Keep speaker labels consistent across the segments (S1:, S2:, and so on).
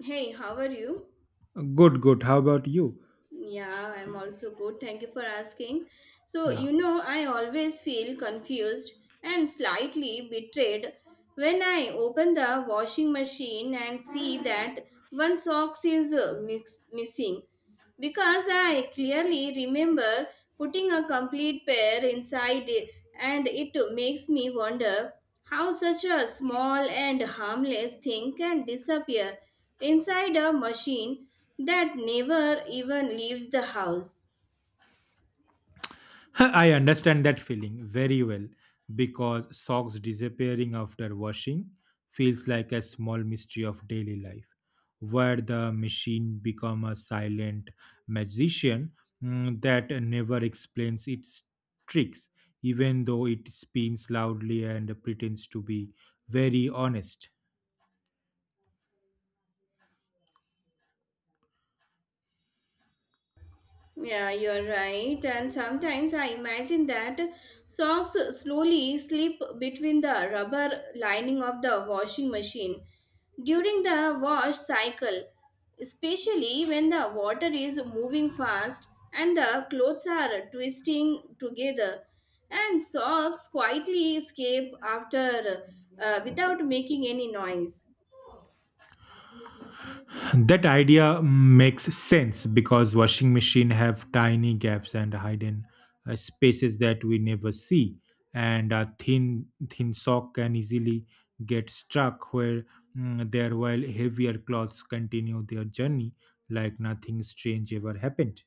S1: Hey, how are you?
S2: Good, good. How about you?
S1: Yeah, I'm also good. Thank you for asking. So,
S2: Yeah,
S1: you know, I always feel confused and slightly betrayed when I open the washing machine and see that one socks is missing because I clearly remember putting a complete pair inside it and it makes me wonder how such a small and harmless thing can disappear inside a machine that never even leaves the house.
S2: I understand that feeling very well because socks disappearing after washing feels like a small mystery of daily life where the machine become a silent magician that never explains its tricks even though it spins loudly and pretends to be very honest.
S1: Yeah, you're right. And sometimes I imagine that socks slowly slip between the rubber lining of the washing machine during the wash cycle, especially when the water is moving fast and the clothes are twisting together. And socks quietly escape after without making any noise.
S2: That idea makes sense because washing machine have tiny gaps and hidden spaces that we never see, and a thin sock can easily get stuck where there, while heavier cloths continue their journey like nothing strange ever happened.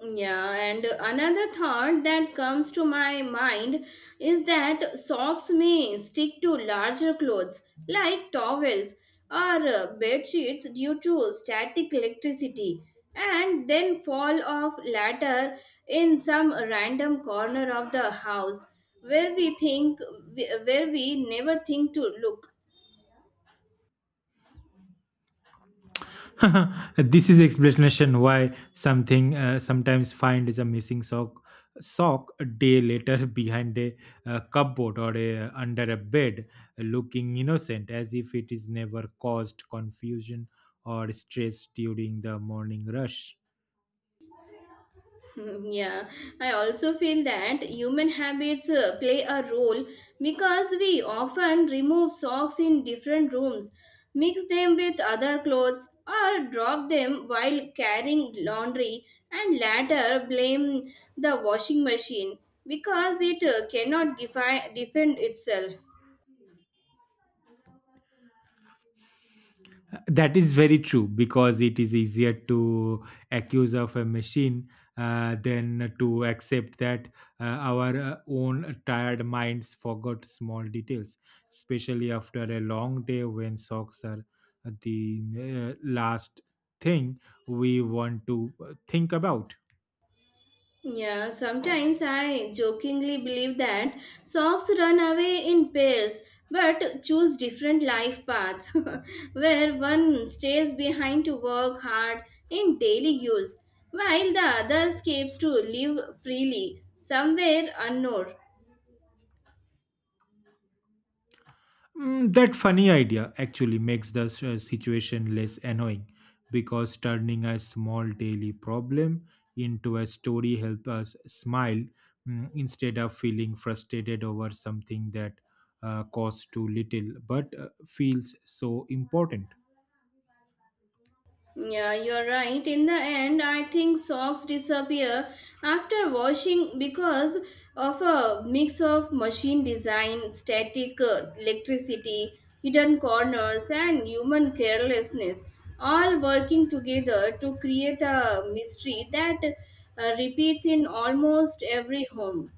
S1: Yeah, and another thought that comes to my mind is that socks may stick to larger clothes like towels or bed sheets due to static electricity and then fall off later in some random corner of the house where we think where we never think to look.
S2: This is explanation why something sometimes find is a missing sock a day later behind a, cupboard or a, under a bed looking innocent as if it is never caused confusion or stress during the morning rush.
S1: Yeah, I also feel that human habits play a role because we often remove socks in different rooms, mix them with other clothes, or drop them while carrying laundry, and later blame the washing machine because it cannot defi- defend itself.
S2: That is very true because it is easier to accuse of a machine, than to accept that our own tired minds forgot small details, especially after a long day when socks are the last thing we want to think about.
S1: Yeah, sometimes I jokingly believe that socks run away in pairs but choose different life paths where one stays behind to work hard in daily use while the other escapes to live freely somewhere unknown.
S2: That funny idea actually makes the situation less annoying because turning a small daily problem into a story helps us smile, instead of feeling frustrated over something that costs too little but feels so important.
S1: Yeah, you're right. In the end, I think socks disappear after washing because of a mix of machine design, static electricity, hidden corners, and human carelessness, all working together to create a mystery that repeats in almost every home.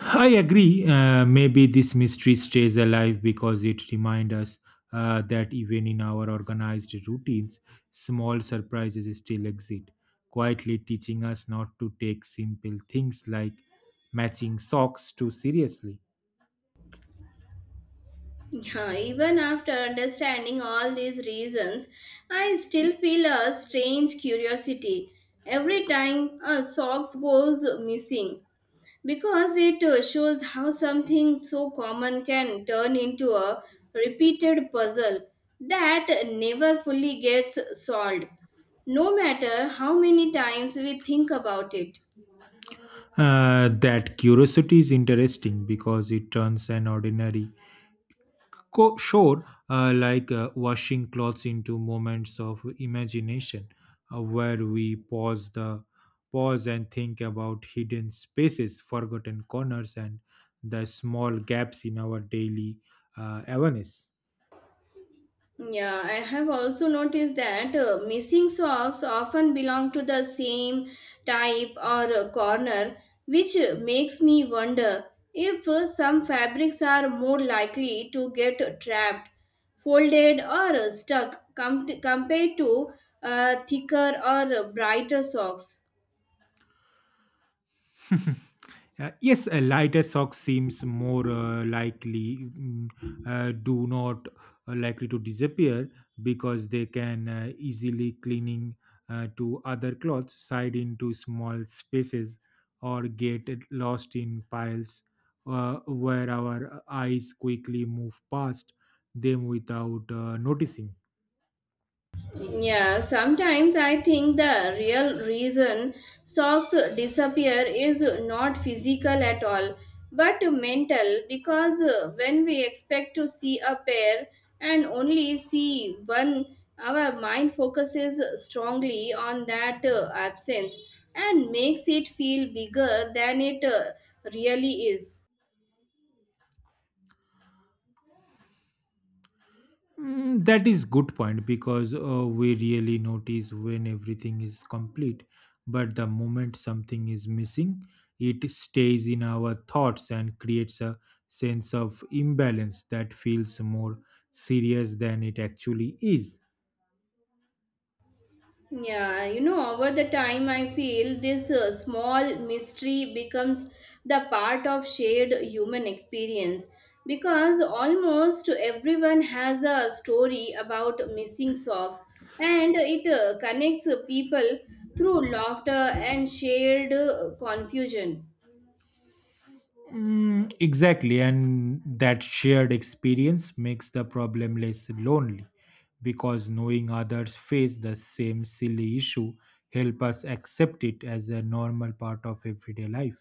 S2: I agree. Maybe this mystery stays alive because it reminds us that even in our organized routines, small surprises still exist, quietly teaching us not to take simple things like matching socks too seriously.
S1: Yeah, even after understanding all these reasons, I still feel a strange curiosity every time a socks goes missing because it shows how something so common can turn into a repeated puzzle that never fully gets solved, no matter how many times we think about it.
S2: That curiosity is interesting because it turns an ordinary shore, like washing clothes into moments of imagination, where we pause and think about hidden spaces, forgotten corners, and the small gaps in our daily awareness.
S1: Yeah, I have also noticed that missing socks often belong to the same type or corner, which makes me wonder if some fabrics are more likely to get trapped, folded, or compared to thicker or brighter socks.
S2: Yes, a lighter sock seems more likely mm, do not likely to disappear because they can easily cleaning to other clothes, side into small spaces, or get it lost in piles where our eyes quickly move past them without noticing.
S1: Yeah, sometimes I think the real reason socks disappear is not physical at all, but mental because when we expect to see a pair and only see one, our mind focuses strongly on that absence and makes it feel bigger than it really is.
S2: That is good point because we really notice when everything is complete, but the moment something is missing it stays in our thoughts and creates a sense of imbalance that feels more serious than it actually is.
S1: Yeah, you know, over the time, I feel this small mystery becomes the part of shared human experience because almost everyone has a story about missing socks and it connects people through laughter and shared confusion.
S2: Exactly, and that shared experience makes the problem less lonely because knowing others face the same silly issue help us accept it as a normal part of everyday life.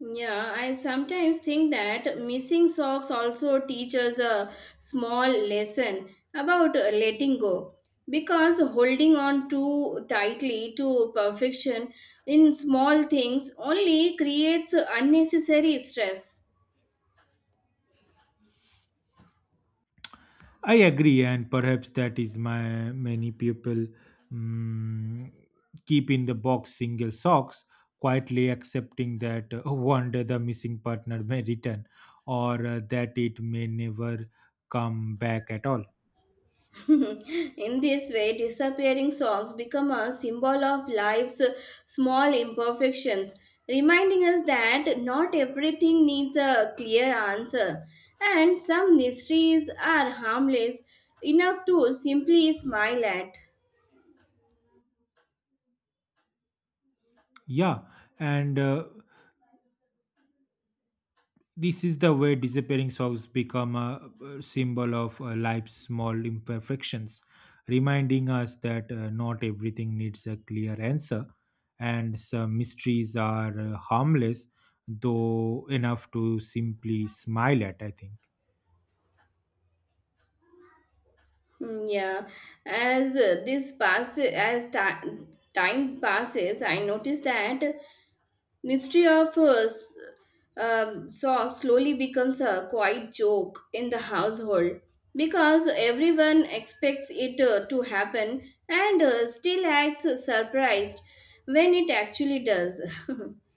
S1: Yeah, I sometimes think that missing socks also teach us a small lesson about letting go, because holding on too tightly to perfection in small things only creates unnecessary stress.
S2: I agree, and perhaps that is my many people mm keep in the box single socks, quietly accepting that one day the missing partner may return, or that it may never come back at all.
S1: In this way, disappearing songs become a symbol of life's small imperfections, reminding us that not everything needs a clear answer, and some mysteries are harmless enough to simply smile at.
S2: Yeah, and this is the way disappearing songs become a symbol of life's small imperfections, reminding us that not everything needs a clear answer, and some mysteries are harmless, though enough to simply smile at, I think.
S1: Hmm, yeah, as time passes, I notice that mystery of s- song slowly becomes a quiet joke in the household because everyone expects it to happen and still acts surprised when it actually does.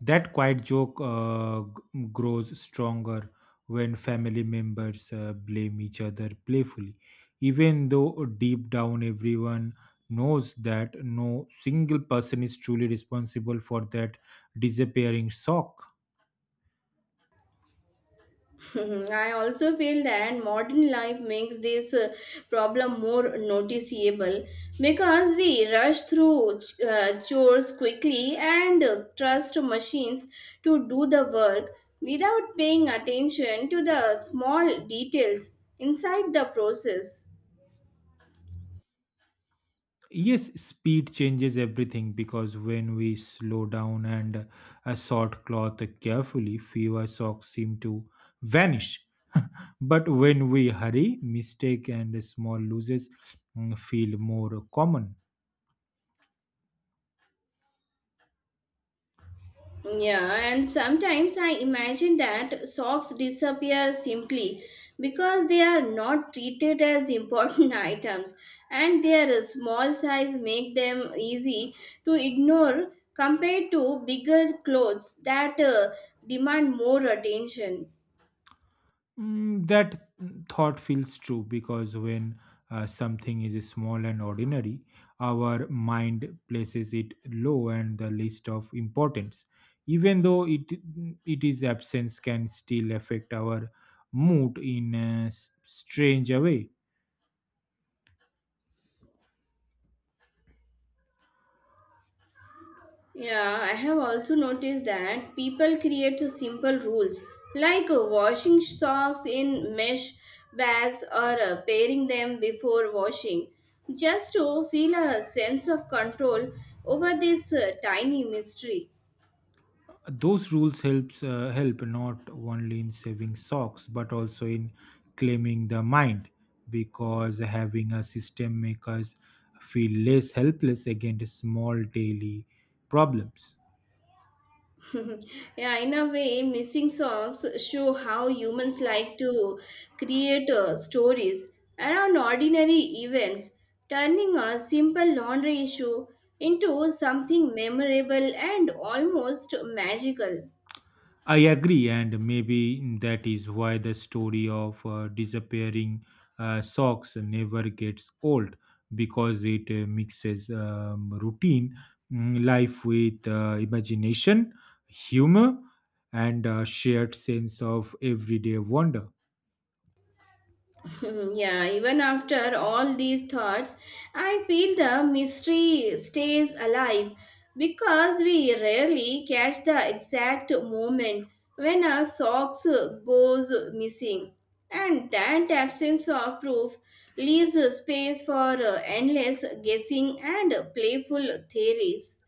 S2: That quiet joke grows stronger when family members blame each other playfully, even though deep down everyone knows that no single person is truly responsible for that disappearing sock.
S1: I also feel that modern life makes this problem more noticeable because we rush through chores quickly and trust machines to do the work without paying attention to the small details inside the process.
S2: Yes, speed changes everything because when we slow down and sort cloth carefully, fewer socks seem to vanish. But when we hurry, mistake and small losses, feel more common.
S1: Yeah, and sometimes I imagine that socks disappear simply because they are not treated as important items and their small size make them easy to ignore compared to bigger clothes that demand more attention.
S2: That thought feels true because when something is small and ordinary, our mind places it low and the list of importance. Even though it is absence can still affect our mood in a strange way.
S1: Yeah, I have also noticed that people create simple rules like washing socks in mesh bags or pairing them before washing just to feel a sense of control over this tiny mystery.
S2: Those rules helps help not only in saving socks but also in claiming the mind because having a system makes us feel less helpless against small daily problems.
S1: Yeah, in a way, missing songs show how humans like to create stories around ordinary events, turning a simple laundry issue into something memorable and almost magical.
S2: I agree, and maybe that is why the story of disappearing socks never gets old because it mixes routine, life with imagination, humor, and a shared sense of everyday wonder.
S1: Hmm, yeah, even after all these thoughts, I feel the mystery stays alive because we rarely catch the exact moment when a socks goes missing. And that absence of proof leaves space for endless guessing and playful theories.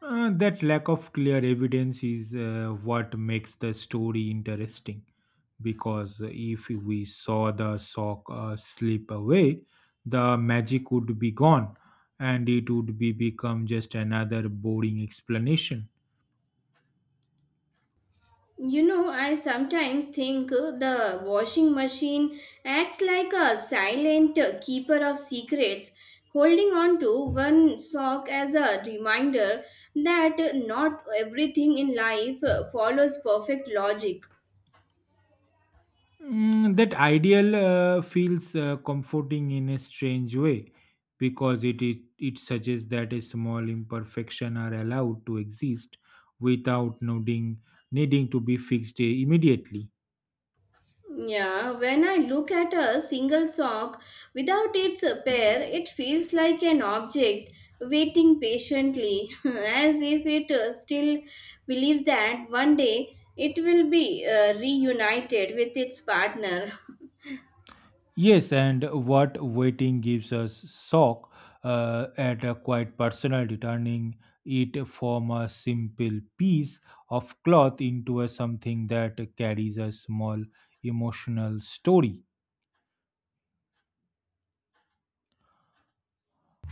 S2: That lack of clear evidence is what makes the story interesting because if we saw the sock slip away, the magic would be gone and it would be become just another boring explanation.
S1: You know, I sometimes think the washing machine acts like a silent keeper of secrets, holding on to one sock as a reminder that not everything in life follows perfect logic.
S2: That ideal feels comforting in a strange way because it suggests that a small imperfection are allowed to exist without needing to be fixed immediately.
S1: Yeah, when I look at a single sock without its pair, it feels like an object waiting patiently, as if it still believes that one day it will be reunited with its partner.
S2: Yes, and what waiting gives us shock at a quite personal turning it from a simple piece of cloth into a something that carries a small emotional story.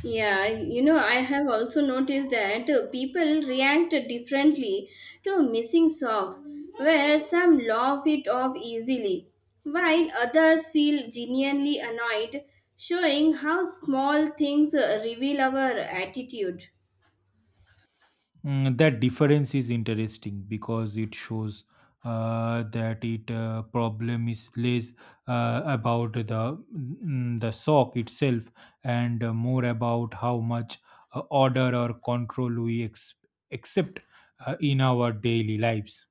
S1: Yeah, you know, I have also noticed that people react differently to missing socks, where some laugh it off easily, while others feel genuinely annoyed, showing how small things reveal our attitude.
S2: That difference is interesting because it shows that it problem is less about the the sock itself and more about how much order or control we accept in our daily lives.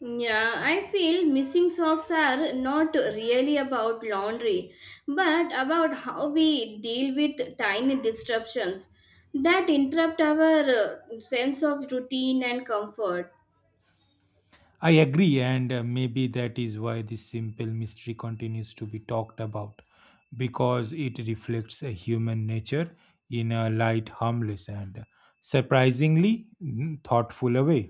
S1: Yeah, I feel missing socks are not really about laundry, but about how we deal with tiny disruptions that interrupt our sense of routine and comfort.
S2: I agree, and maybe that is why this simple mystery continues to be talked about because it reflects a human nature in a light, harmless, and surprisingly thoughtful a way.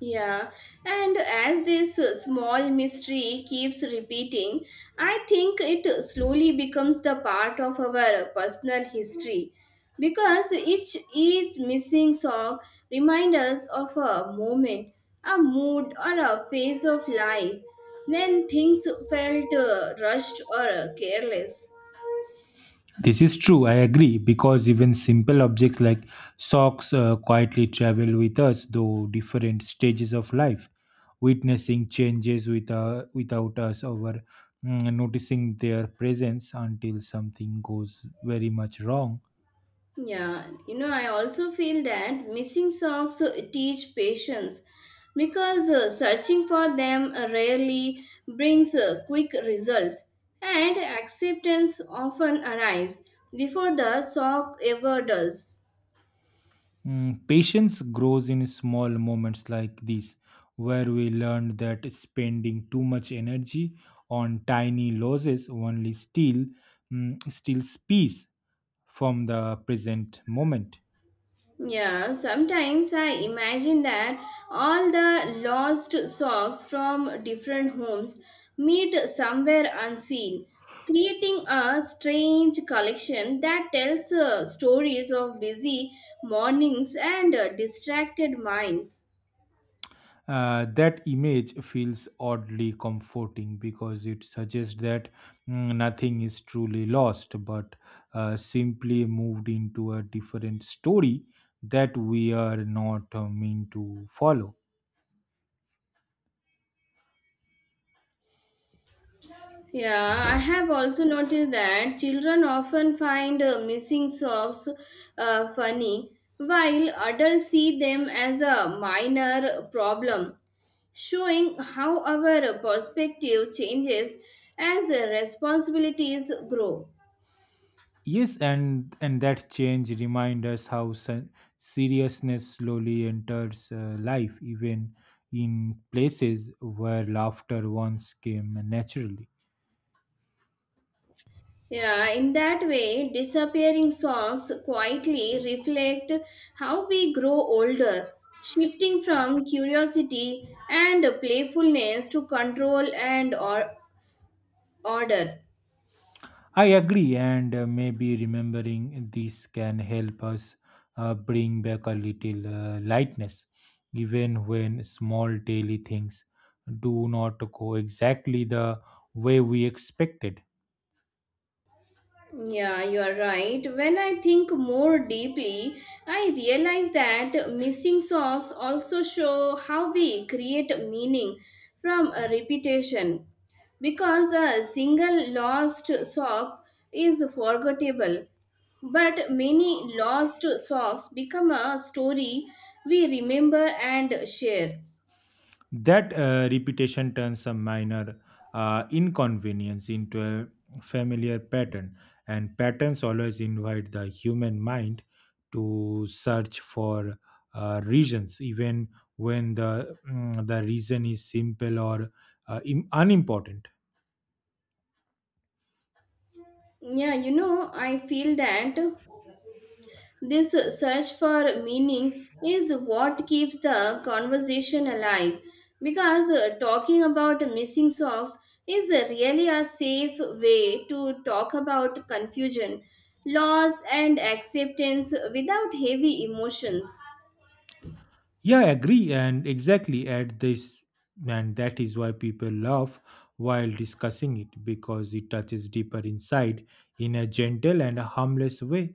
S1: Yeah, and as this small mystery keeps repeating, I think it slowly becomes the part of our personal history because each missing song reminds us of a moment, a mood, or a phase of life when things felt rushed or careless.
S2: This is true, I agree, because even simple objects like socks quietly travel with us through different stages of life, witnessing changes with, without us over, noticing their presence until something goes very much wrong.
S1: Yeah, you know, I also feel that missing songs teach patience because searching for them rarely brings quick results, and acceptance often arrives before the song ever does.
S2: Patience grows in small moments like these, where we learn that spending too much energy on tiny losses only steals peace from the present moment.
S1: Yeah, sometimes I imagine that all the lost socks from different homes meet somewhere unseen, creating a strange collection that tells stories of busy mornings and distracted minds.
S2: That image feels oddly comforting because it suggests that, nothing is truly lost but simply moved into a different story that we are not meant to follow.
S1: Yeah, I have also noticed that children often find missing socks funny, while adults see them as a minor problem, showing how our perspective changes as responsibilities grow.
S2: Yes, and that change reminds us how seriousness slowly enters life, even in places where laughter once came naturally.
S1: Yeah, in that way, disappearing socks quietly reflect how we grow older, shifting from curiosity and playfulness to control and or order.
S2: I agree, and maybe remembering this can help us bring back a little lightness, even when small daily things do not go exactly the way we expected.
S1: Yeah, you are right. When I think more deeply, I realize that missing socks also show how we create meaning from a repetition, because a single lost sock is forgettable, but many lost socks become a story we remember and share.
S2: That repetition turns a minor inconvenience into a familiar pattern, and patterns always invite the human mind to search for reasons, even when the reason is simple or unimportant.
S1: Yeah, you know, I feel that this search for meaning is what keeps the conversation alive because talking about missing socks is really a safe way to talk about confusion, loss, and acceptance without heavy emotions.
S2: Yeah, I agree, and exactly at this, and that is why people laugh while discussing it because it touches deeper inside in a gentle and a harmless way.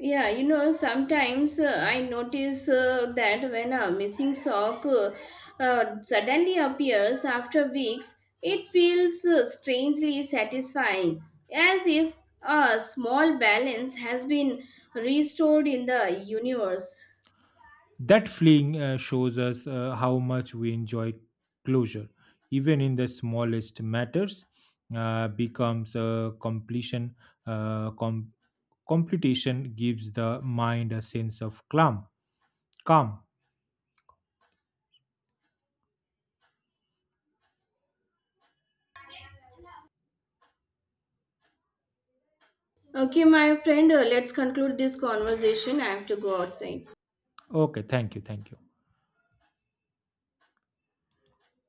S1: Yeah, you know, sometimes I notice that when a missing sock suddenly appears after weeks, it feels strangely satisfying, as if a small balance has been restored in the universe.
S2: That fleeing shows us how much we enjoy closure, even in the smallest matters, becomes a completion. Uh, com- completion gives the mind a sense of calm. Calm.
S1: Okay, my friend, let's conclude this conversation. I have to go outside.
S2: Okay. Thank you. Thank you.